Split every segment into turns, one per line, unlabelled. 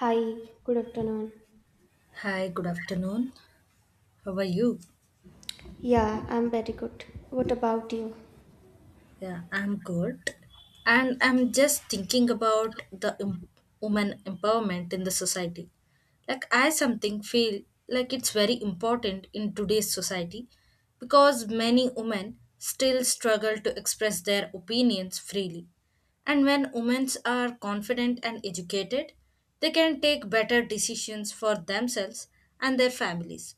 Hi, good afternoon.
Hi, good afternoon. How are you?
Yeah, I'm very good. What about you?
Yeah, I'm good. And I'm just thinking about the woman empowerment in the society. Like I something feel like it's very important in today's society because many women still struggle to express their opinions freely. And when women are confident and educated, they can take better decisions for themselves and their families.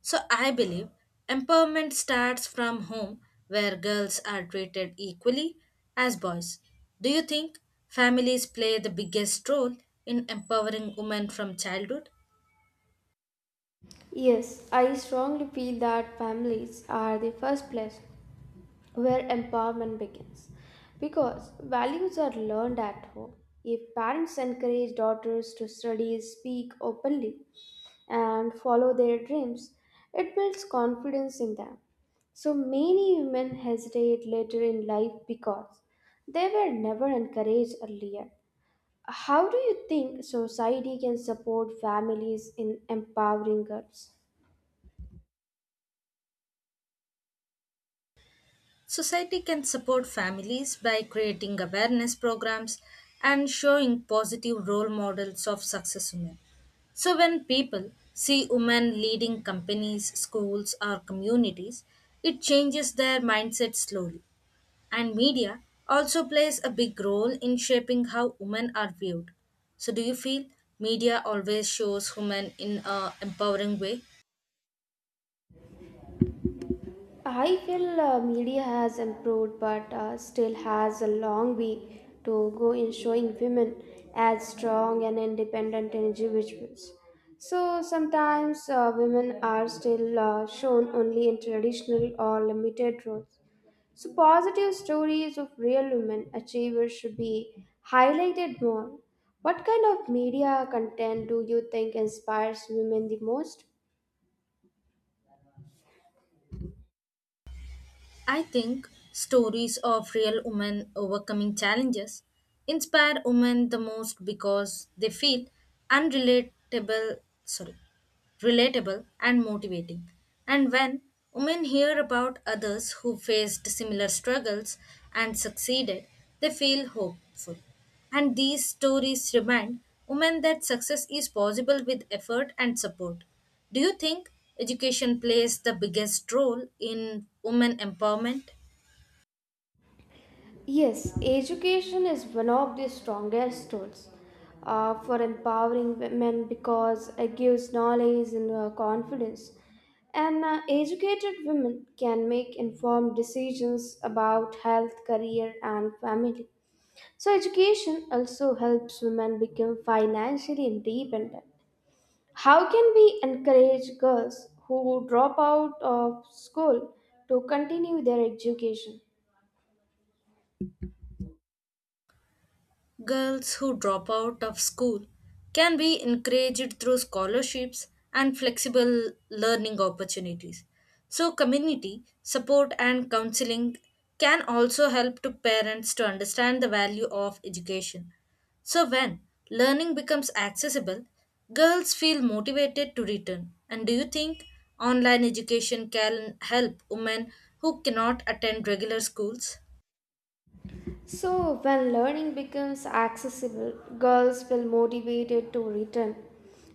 So I believe empowerment starts from home where girls are treated equally as boys. Do you think families play the biggest role in empowering women from childhood?
Yes, I strongly feel that families are the first place where empowerment begins because values are learned at home. If parents encourage daughters to study, speak openly, and follow their dreams, it builds confidence in them. So many women hesitate later in life because they were never encouraged earlier. How do you think society can support families in empowering girls?
Society can support families by creating awareness programs and showing positive role models of success women. So when people see women leading companies, schools, or communities, it changes their mindset slowly. And media also plays a big role in shaping how women are viewed. So, do you feel media always shows women in a empowering way?
I feel media has improved but still has a long way to go in showing women as strong and independent individuals. So sometimes women are still shown only in traditional or limited roles. So, positive stories of real women achievers should be highlighted more. What kind of media content do you think inspires women the most?
I think stories of real women overcoming challenges inspire women the most because they feel unrelatable. Sorry, relatable and motivating. And when women hear about others who faced similar struggles and succeeded, they feel hopeful. And these stories remind women that success is possible with effort and support. Do you think education plays the biggest role in women empowerment?
Yes, education is one of the strongest tools for empowering women because it gives knowledge and confidence. And Educated women can make informed decisions about health, career, and family. So, education also helps women become financially independent. How can we encourage girls who drop out of school to continue their education?
Girls who drop out of school can be encouraged through scholarships and flexible learning opportunities. So community support and counseling can also help to parents to understand the value of education. So when learning becomes accessible, girls feel motivated to return. And do you think online education can help women who cannot attend regular schools?
So, when learning becomes accessible, girls feel motivated to return.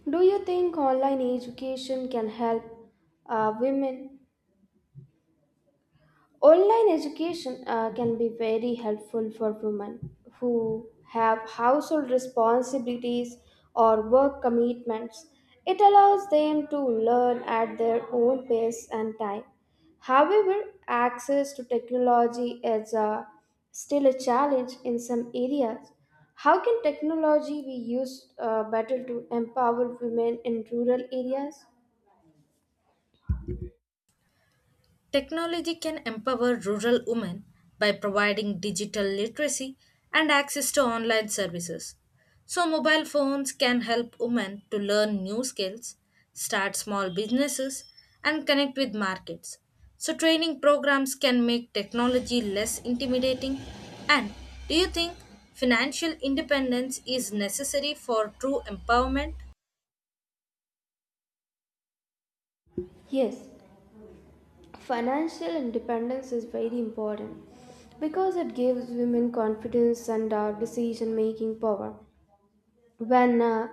Do you think online education can help women. Online education can be very helpful for women who have household responsibilities or work commitments. It allows them to learn at their own pace and time. However, access to technology is still a challenge in some areas. How can technology be used better to empower women in rural areas?
Technology can empower rural women by providing digital literacy and access to online services. So mobile phones can help women to learn new skills, start small businesses, and connect with markets. So training programs can make technology less intimidating. And do you think financial independence is necessary for true empowerment?
Yes. Financial independence is very important because it gives women confidence and decision making power. When uh,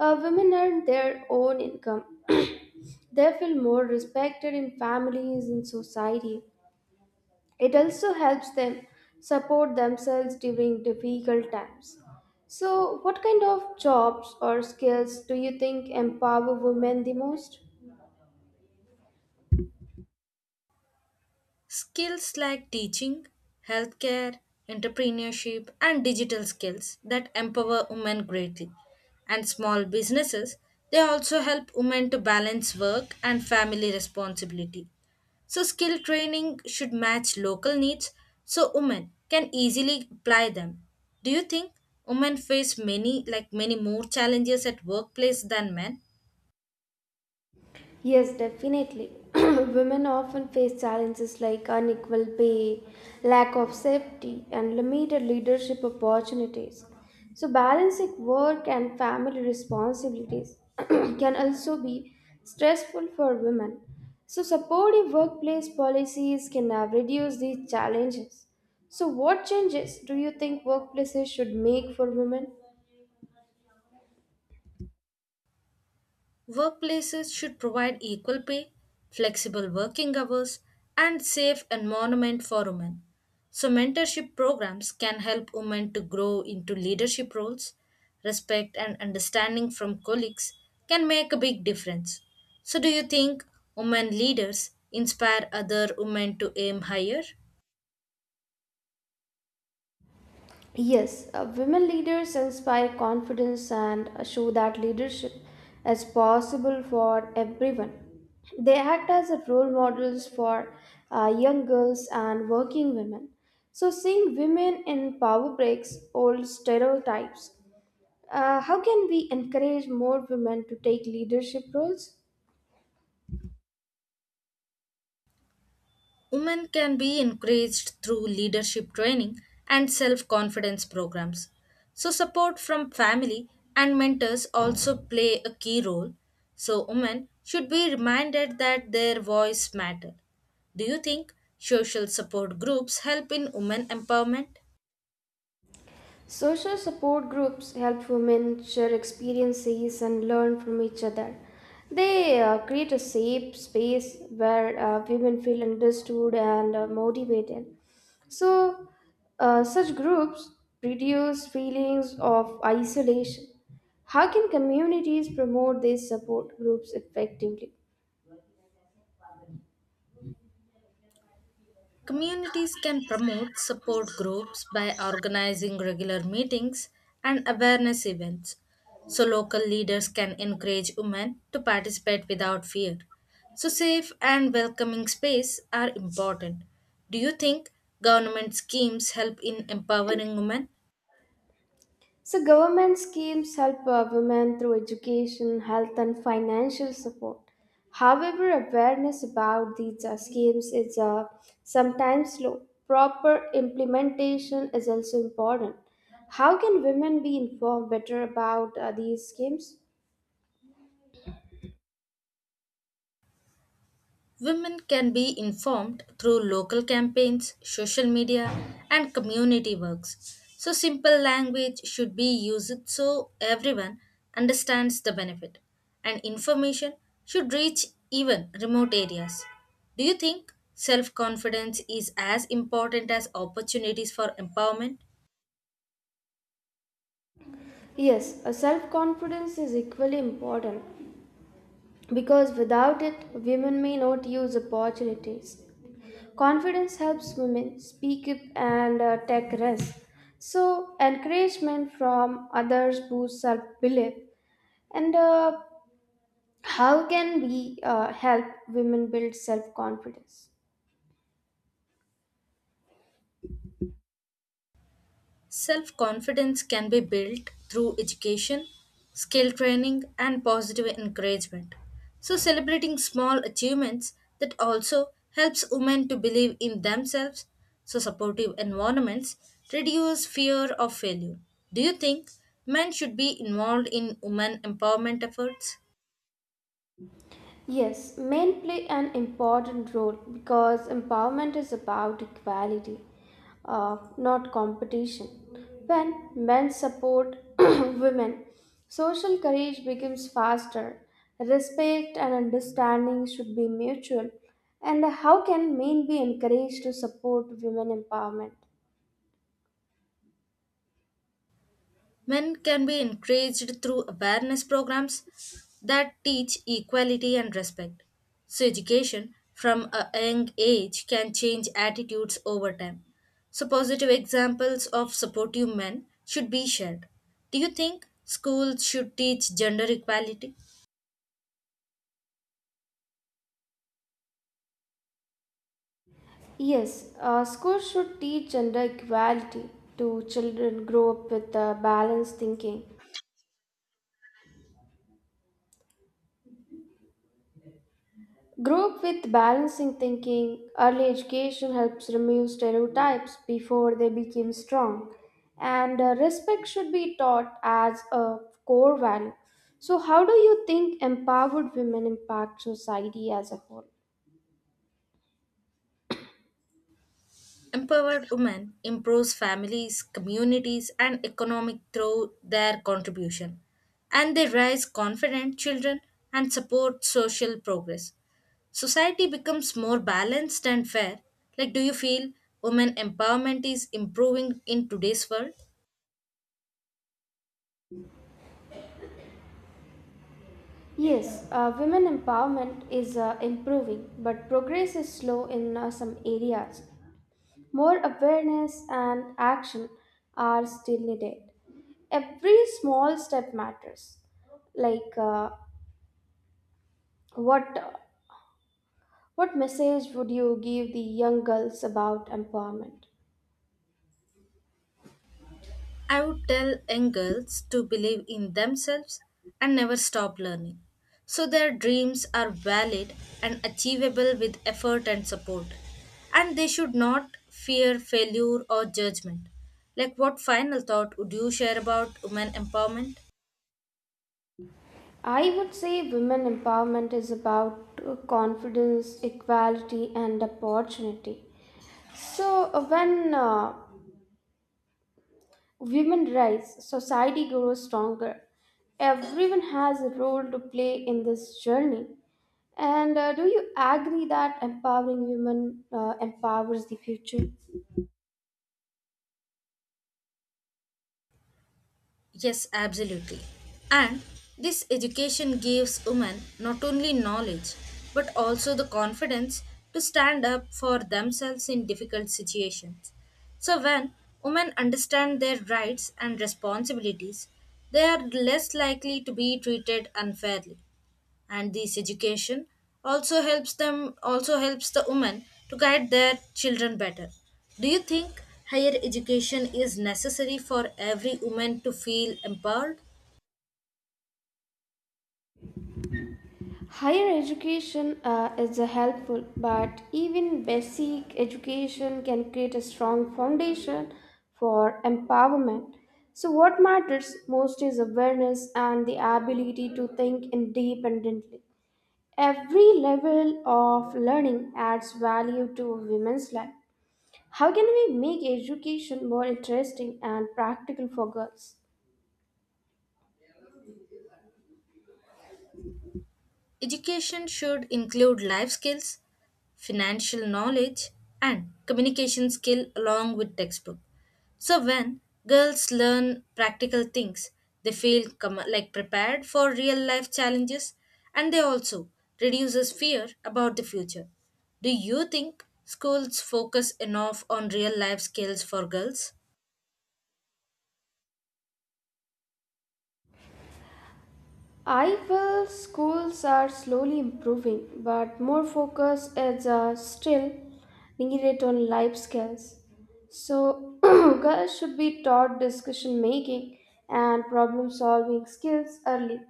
uh, women earn their own income, they feel more respected in families and society. It also helps them support themselves during difficult times. So, what kind of jobs or skills do you think empower women the most?
Skills like teaching, healthcare, entrepreneurship, and digital skills that empower women greatly. And small businesses, they also help women to balance work and family responsibility. So skill training should match local needs so women can easily apply them. Do you think women face many, like many more challenges at workplace than men?
Yes, definitely. Women often face challenges like unequal pay, lack of safety, and limited leadership opportunities. So, balancing work and family responsibilities can also be stressful for women. So, supportive workplace policies can reduce these challenges. So, what changes do you think workplaces should make for women?
Workplaces should provide equal pay, flexible working hours, and safe environment for women. So mentorship programs can help women to grow into leadership roles. Respect and understanding from colleagues can make a big difference. So do you think women leaders inspire other women to aim higher?
Yes, women leaders inspire confidence and show that leadership is possible for everyone. They act as a role models for young girls and working women. So, seeing women in power breaks old stereotypes. How can we encourage more women to take leadership roles?
Women can be encouraged through leadership training and self confidence programs. So support from family and mentors also play a key role. So women should be reminded that their voice matters. Do you think social support groups help in women empowerment?
Social support groups help women share experiences and learn from each other. They create a safe space where women feel understood and motivated. So, such groups reduce feelings of isolation. How can communities promote these support groups effectively?
Communities can promote support groups by organizing regular meetings and awareness events. So local leaders can encourage women to participate without fear. So safe and welcoming space are important. Do you think government schemes help in empowering women?
So, government schemes help women through education, health, and financial support. However, awareness about these schemes is sometimes slow. Proper implementation is also important. How can women be informed better about these schemes?
Women can be informed through local campaigns, social media, and community works. So simple language should be used so everyone understands the benefit, and information should reach even remote areas. Do you think self confidence is as important as opportunities for empowerment?
Yes, a self confidence is equally important because without it, women may not use opportunities. Confidence helps women speak up and take risks. So, encouragement from others boosts self belief. And How can we help women build self confidence?
Self confidence can be built through education, skill training, and positive encouragement. So celebrating small achievements that also helps women to believe in themselves. So supportive environments reduce fear of failure. Do you think men should be involved in women empowerment efforts?
Yes, men play an important role because empowerment is about equality, not competition. When men support women, social courage becomes faster. Respect and understanding should be mutual. And how can men be encouraged to support women empowerment?
Men can be encouraged through awareness programs that teach equality and respect. So education from a young age can change attitudes over time. So positive examples of supportive men should be shared. Do you think schools should teach gender equality?
Yes, schools should teach gender equality to children grow up with balanced thinking. Grow up with balancing thinking. Early education helps remove stereotypes before they become strong. And respect should be taught as a core value. So, how do you think empowered women impact society as a whole?
Empowered women improves families, communities, and economic through their contribution, and they raise confident children and support social progress. Society becomes more balanced and fair. Like, do you feel women empowerment is improving in today's world?
Yes, women empowerment is improving, but progress is slow in some areas. More awareness and action are still needed. Every small step matters like what what message would you give the young girls about empowerment?
I would tell young girls to believe in themselves and never stop learning. So their dreams are valid and achievable with effort and support. And they should not fear failure or judgment. Like, what final thought would you share about women empowerment?
I would say women empowerment is about confidence, equality, and opportunity. So when women rise, society grows stronger. Everyone has a role to play in this journey. And do you agree that empowering women empowers the future?
Yes, absolutely. And this education gives women not only knowledge but also the confidence to stand up for themselves in difficult situations. So when women understand their rights and responsibilities, they are less likely to be treated unfairly, and this education also helps the women to guide their children better. Do you think higher education is necessary for every woman to feel empowered?
Higher education is a helpful, but even basic education can create a strong foundation for empowerment. So, what matters most is awareness and the ability to think independently. Every level of learning adds value to a women's life. How can we make education more interesting and practical for girls?
Education should include life skills, financial knowledge, and communication skill along with textbook. So when girls learn practical things, they feel like prepared for real life challenges, and they also reduces fear about the future. Do you think schools focus enough on real life skills for girls?
I feel schools are slowly improving, but more focus is still needed on life skills. So, girls should be taught discussion making and problem solving skills early.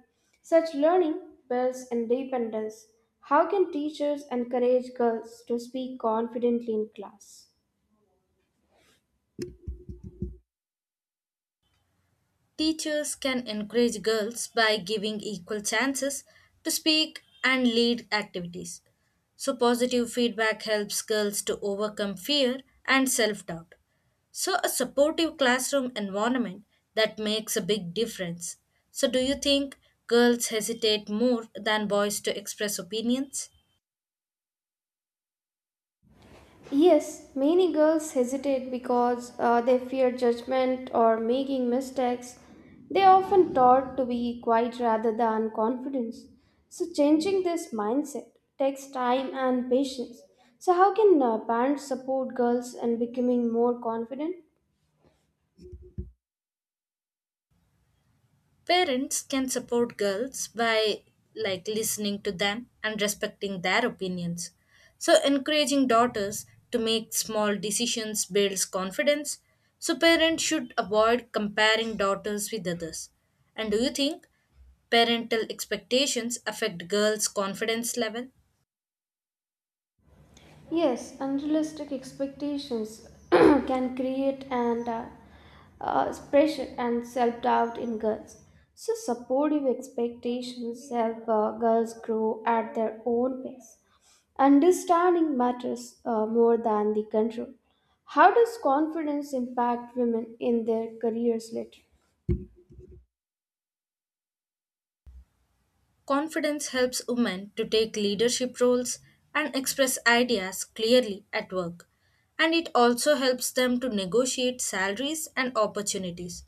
Such learning builds independence. How can teachers encourage girls to speak confidently in class?
Teachers can encourage girls by giving equal chances to speak and lead activities. So positive feedback helps girls to overcome fear and self doubt. So a supportive classroom environment that makes a big difference. So, do you think girls hesitate more than boys to express opinions?
Yes, many girls hesitate because they fear judgment or making mistakes. They are often taught to be quiet rather than confident. So, changing this mindset takes time and patience. So, how can parents support girls in becoming more confident?
Parents can support girls by like listening to them and respecting their opinions. So encouraging daughters to make small decisions builds confidence. So parents should avoid comparing daughters with others. And do you think parental expectations affect girls' confidence level?
Yes, unrealistic expectations can create and pressure and self doubt in girls. So, supportive expectations help girls grow at their own pace. Understanding matters more than the control. How does confidence impact women in their careers later?
Confidence helps women to take leadership roles and express ideas clearly at work. And it also helps them to negotiate salaries and opportunities.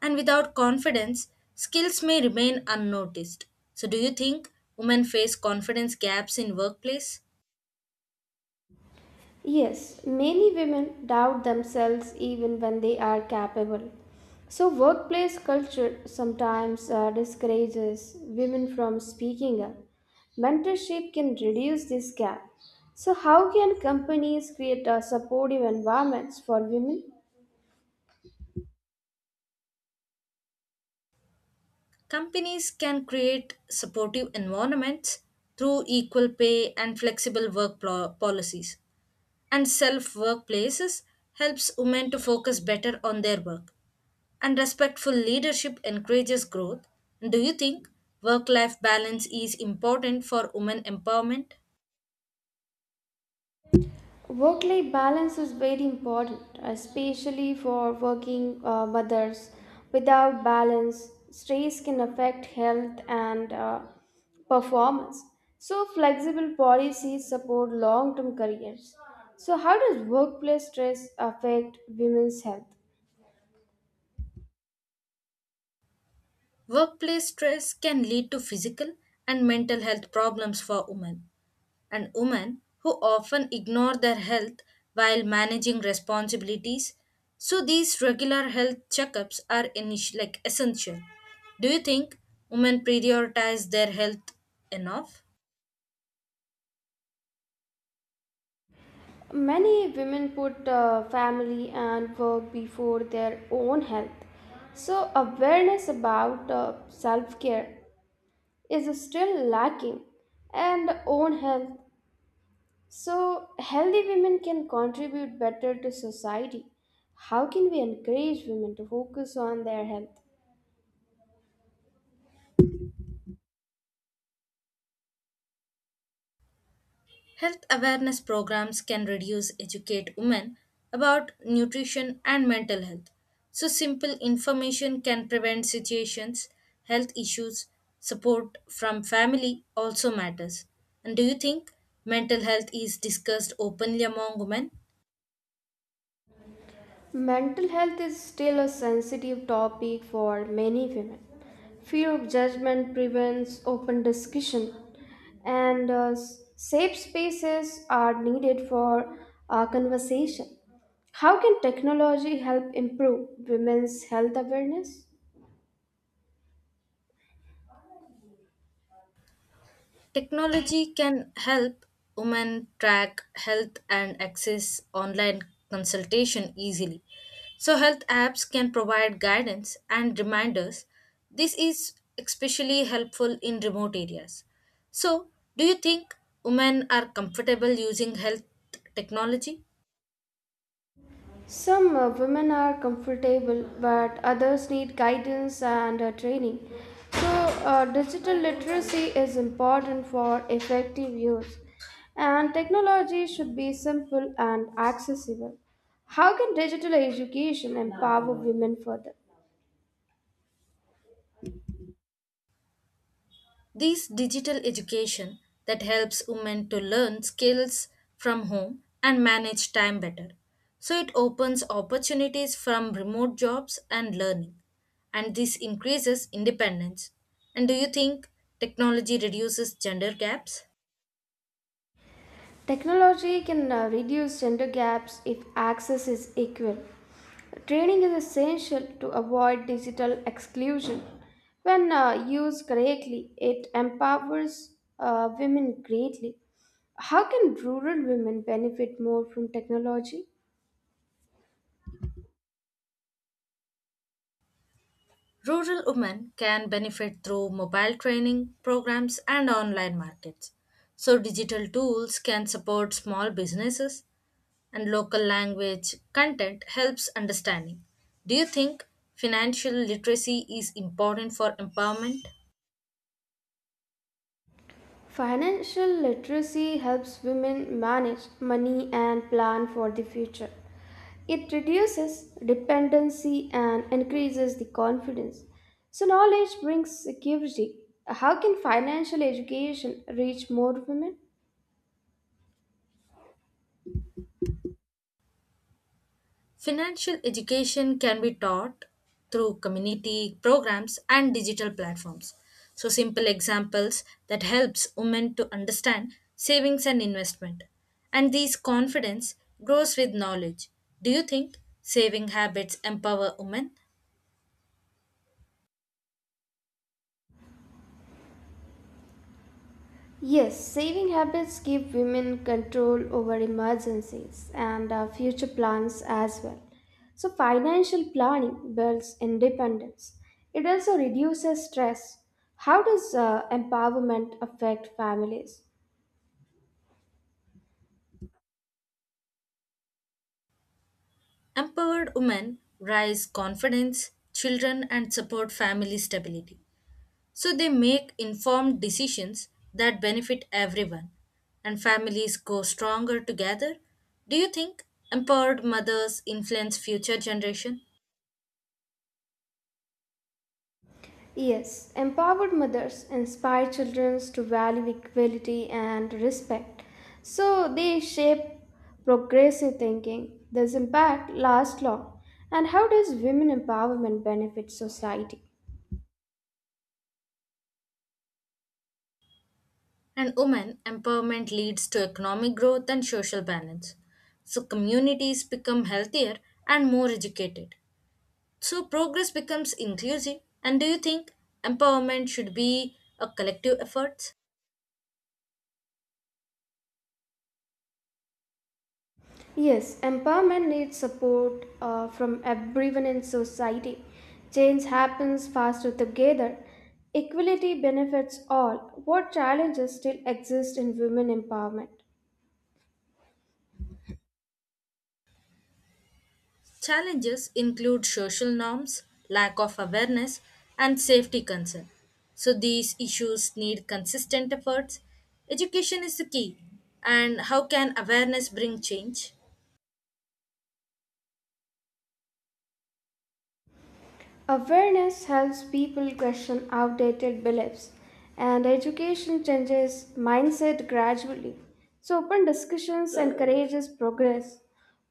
And without confidence, skills may remain unnoticed. So, do you think women face confidence gaps in workplace?
Yes, many women doubt themselves even when they are capable. So, workplace culture sometimes discourages women from speaking up. Mentorship can reduce this gap. So, how can companies create supportive environments for women?
Companies can create supportive environments through equal pay and flexible work policies. And self workplaces helps women to focus better on their work, and respectful leadership encourages growth. Do you think work life balance is important for women empowerment?
Work life balance is very important, especially for working mothers. Without balance, stress can affect health and performance. So, flexible policies support long term careers. So, how does workplace stress affect women's health?
Workplace stress can lead to physical and mental health problems for women, and women who often ignore their health while managing responsibilities. So these regular health checkups are like essential. Do you think women prioritize their health enough?
Many women put family and work before their own health. So, awareness about self care is still lacking and own health. So healthy women can contribute better to society. How can we encourage women to focus on their health?
Health awareness programs can reduce educate women about nutrition and mental health. So simple information can prevent situations, health issues, support from family also matters. And do you think mental health is discussed openly among women?
Mental health is still a sensitive topic for many women. Fear of judgment prevents open discussion, and safe spaces are needed for conversation. How can technology help improve women's health awareness?
Technology can help women track health and access online consultation easily. So health apps can provide guidance and reminders. This is especially helpful in remote areas. So, do you think women are comfortable using health technology?
Some women are comfortable, but others need guidance and training. So, digital literacy is important for effective use, and technology should be simple and accessible. How can digital education empower women further?
This digital education that helps women to learn skills from home and manage time better. So it opens opportunities from remote jobs and learning. And this increases independence. And do you think technology reduces gender gaps?
Technology can reduce gender gaps if access is equal. Training is essential to avoid digital exclusion. When used correctly, it empowers women greatly. How can rural women benefit more from technology?
Rural women can benefit through mobile training programs and online markets. So digital tools can support small businesses, and local language content helps understanding. Do you think financial literacy is important for empowerment?
Financial literacy helps women manage money and plan for the future. It reduces dependency and increases the confidence. So, knowledge brings security. How can financial education reach more women?
Financial education can be taught through community programs and digital platforms. So simple examples that helps women to understand savings and investment. And these confidence grows with knowledge. Do you think saving habits empower women?
Yes, saving habits give women control over emergencies and future plans as well. So, financial planning builds independence. It also reduces stress. How does empowerment affect families?
Empowered women raise confidence, children, and support family stability. So they make informed decisions that benefit everyone, and families grow stronger together. Do you think empowered mothers influence future generation?
Yes, empowered mothers inspire children to value equality and respect. So, they shape progressive thinking. This impact lasts long. And how does women empowerment benefit society?
And women empowerment leads to economic growth and social balance. So communities become healthier and more educated. So progress becomes inclusive. And do you think empowerment should be a collective effort?
Yes, empowerment needs support from everyone in society. Change happens faster together. Equality benefits all. What challenges still exist in women empowerment?
Challenges include social norms, lack of awareness, and safety concern. So these issues need consistent efforts. Education is the key. And how can awareness bring change?
Awareness helps people question outdated beliefs, and education changes mindset gradually. So, open discussions encourages progress.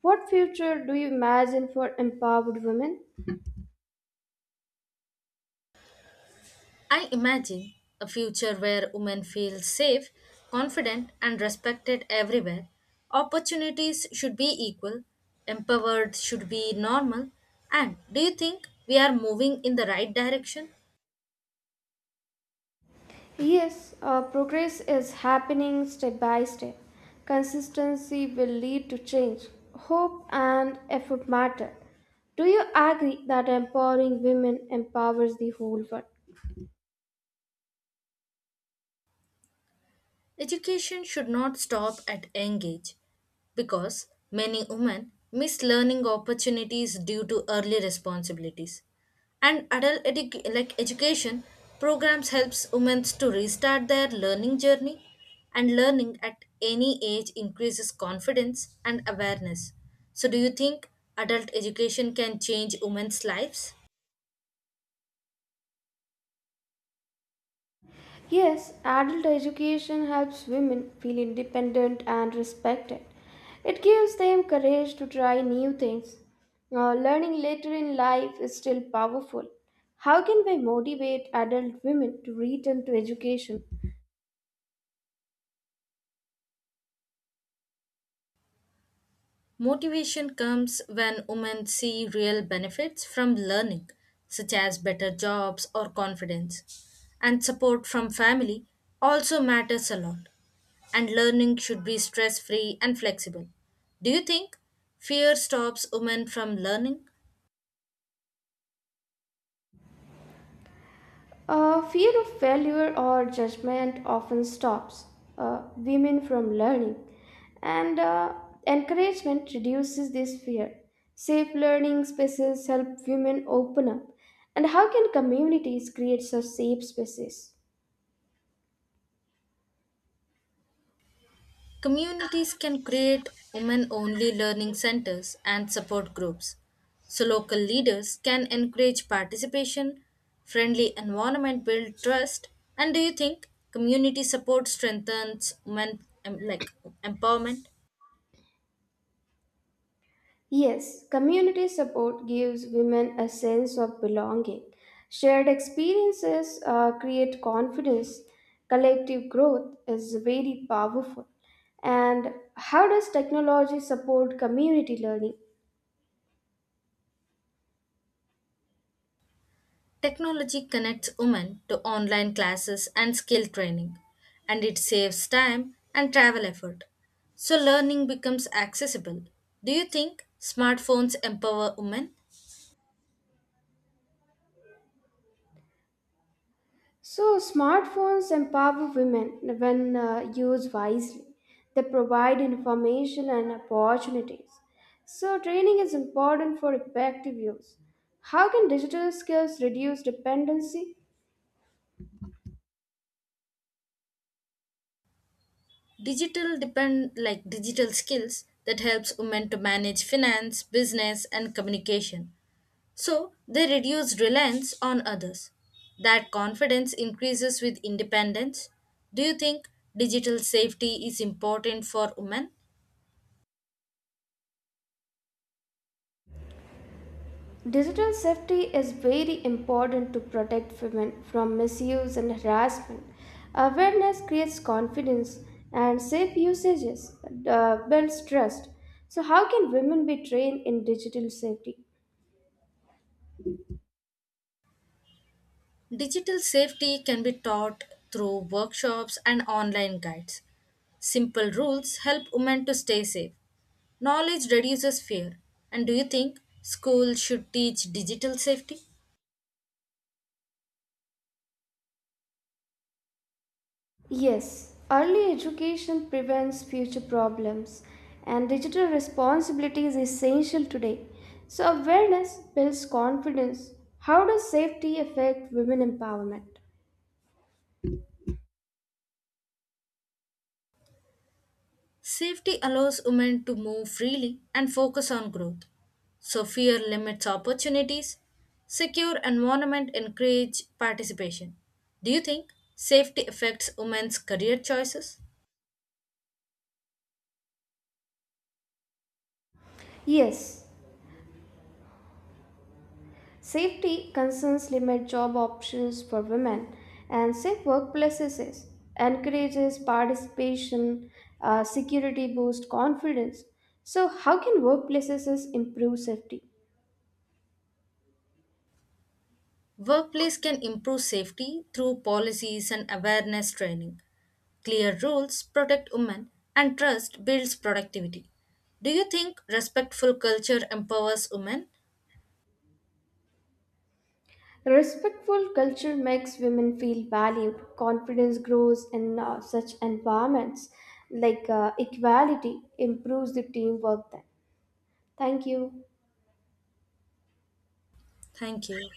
What future do you imagine for empowered women?
I imagine a future where women feel safe, confident, and respected everywhere. Opportunities should be equal, empowered should be normal. And do you think we are moving in the right direction?
Yes, progress is happening step by step. Consistency will lead to change. Hope and effort matter. Do you agree that empowering women empowers the whole world?
Education should not stop at young age, because many women miss learning opportunities due to early responsibilities, and adult like education programs helps women to restart their learning journey, and learning at any age increases confidence and awareness. So do you think adult education can change women's lives?
Yes, adult education helps women feel independent and respected. It gives them courage to try new things. Learning later in life is still powerful. How can we motivate adult women to return to education?
Motivation comes when women see real benefits from learning, such as better jobs or confidence. And support from family also matters a lot. And learning should be stress free and flexible. Do you think fear stops women from learning?
Fear of failure or judgment often stops women from learning, and encouragement reduces this fear. Safe learning spaces help women open up. And how can communities create such safe spaces?
Communities can create women only learning centers and support groups, so local leaders can encourage participation, friendly environment build trust. And do you think community support strengthens women like empowerment?
Yes, community support gives women a sense of belonging. Shared experiences create confidence. Collective growth is very powerful. And how does technology support community learning?
Technology connects women to online classes and skill training, and it saves time and travel effort. So learning becomes accessible. Do you think smartphones empower women?
So, smartphones empower women when used wisely. They provide information and opportunities. So, training is important for effective use. How can digital skills reduce dependency?
Digital depend like digital skills that helps women to manage finance, business and communication. So they reduce reliance on others. That confidence increases with independence. Do you think digital safety is important for women?
Digital safety is very important to protect women from misuse and harassment. Awareness creates confidence, and safe usages builds trust. So, how can women be trained in digital safety?
Digital safety can be taught through workshops and online guides. Simple rules help women to stay safe. Knowledge reduces fear. And do you think schools should teach digital safety?
Yes, early education prevents future problems, and digital responsibility is essential today. So, awareness builds confidence. How does safety affect women empowerment?
Safety allows women to move freely and focus on growth. So fear limits opportunities. Secure environment encourage participation. Do you think safety affects women's career choices?
Yes, safety concerns limit job options for women, and safe workplaces encourages participation. Security boosts confidence. So, how can workplaces improve safety?
Workplace can improve safety through policies and awareness training. Clear rules protect women and trust builds productivity. Do you think respectful culture empowers women?
Respectful culture makes women feel valued. Confidence grows in such environments. Like equality improves the teamwork. Then, thank you.
Thank you.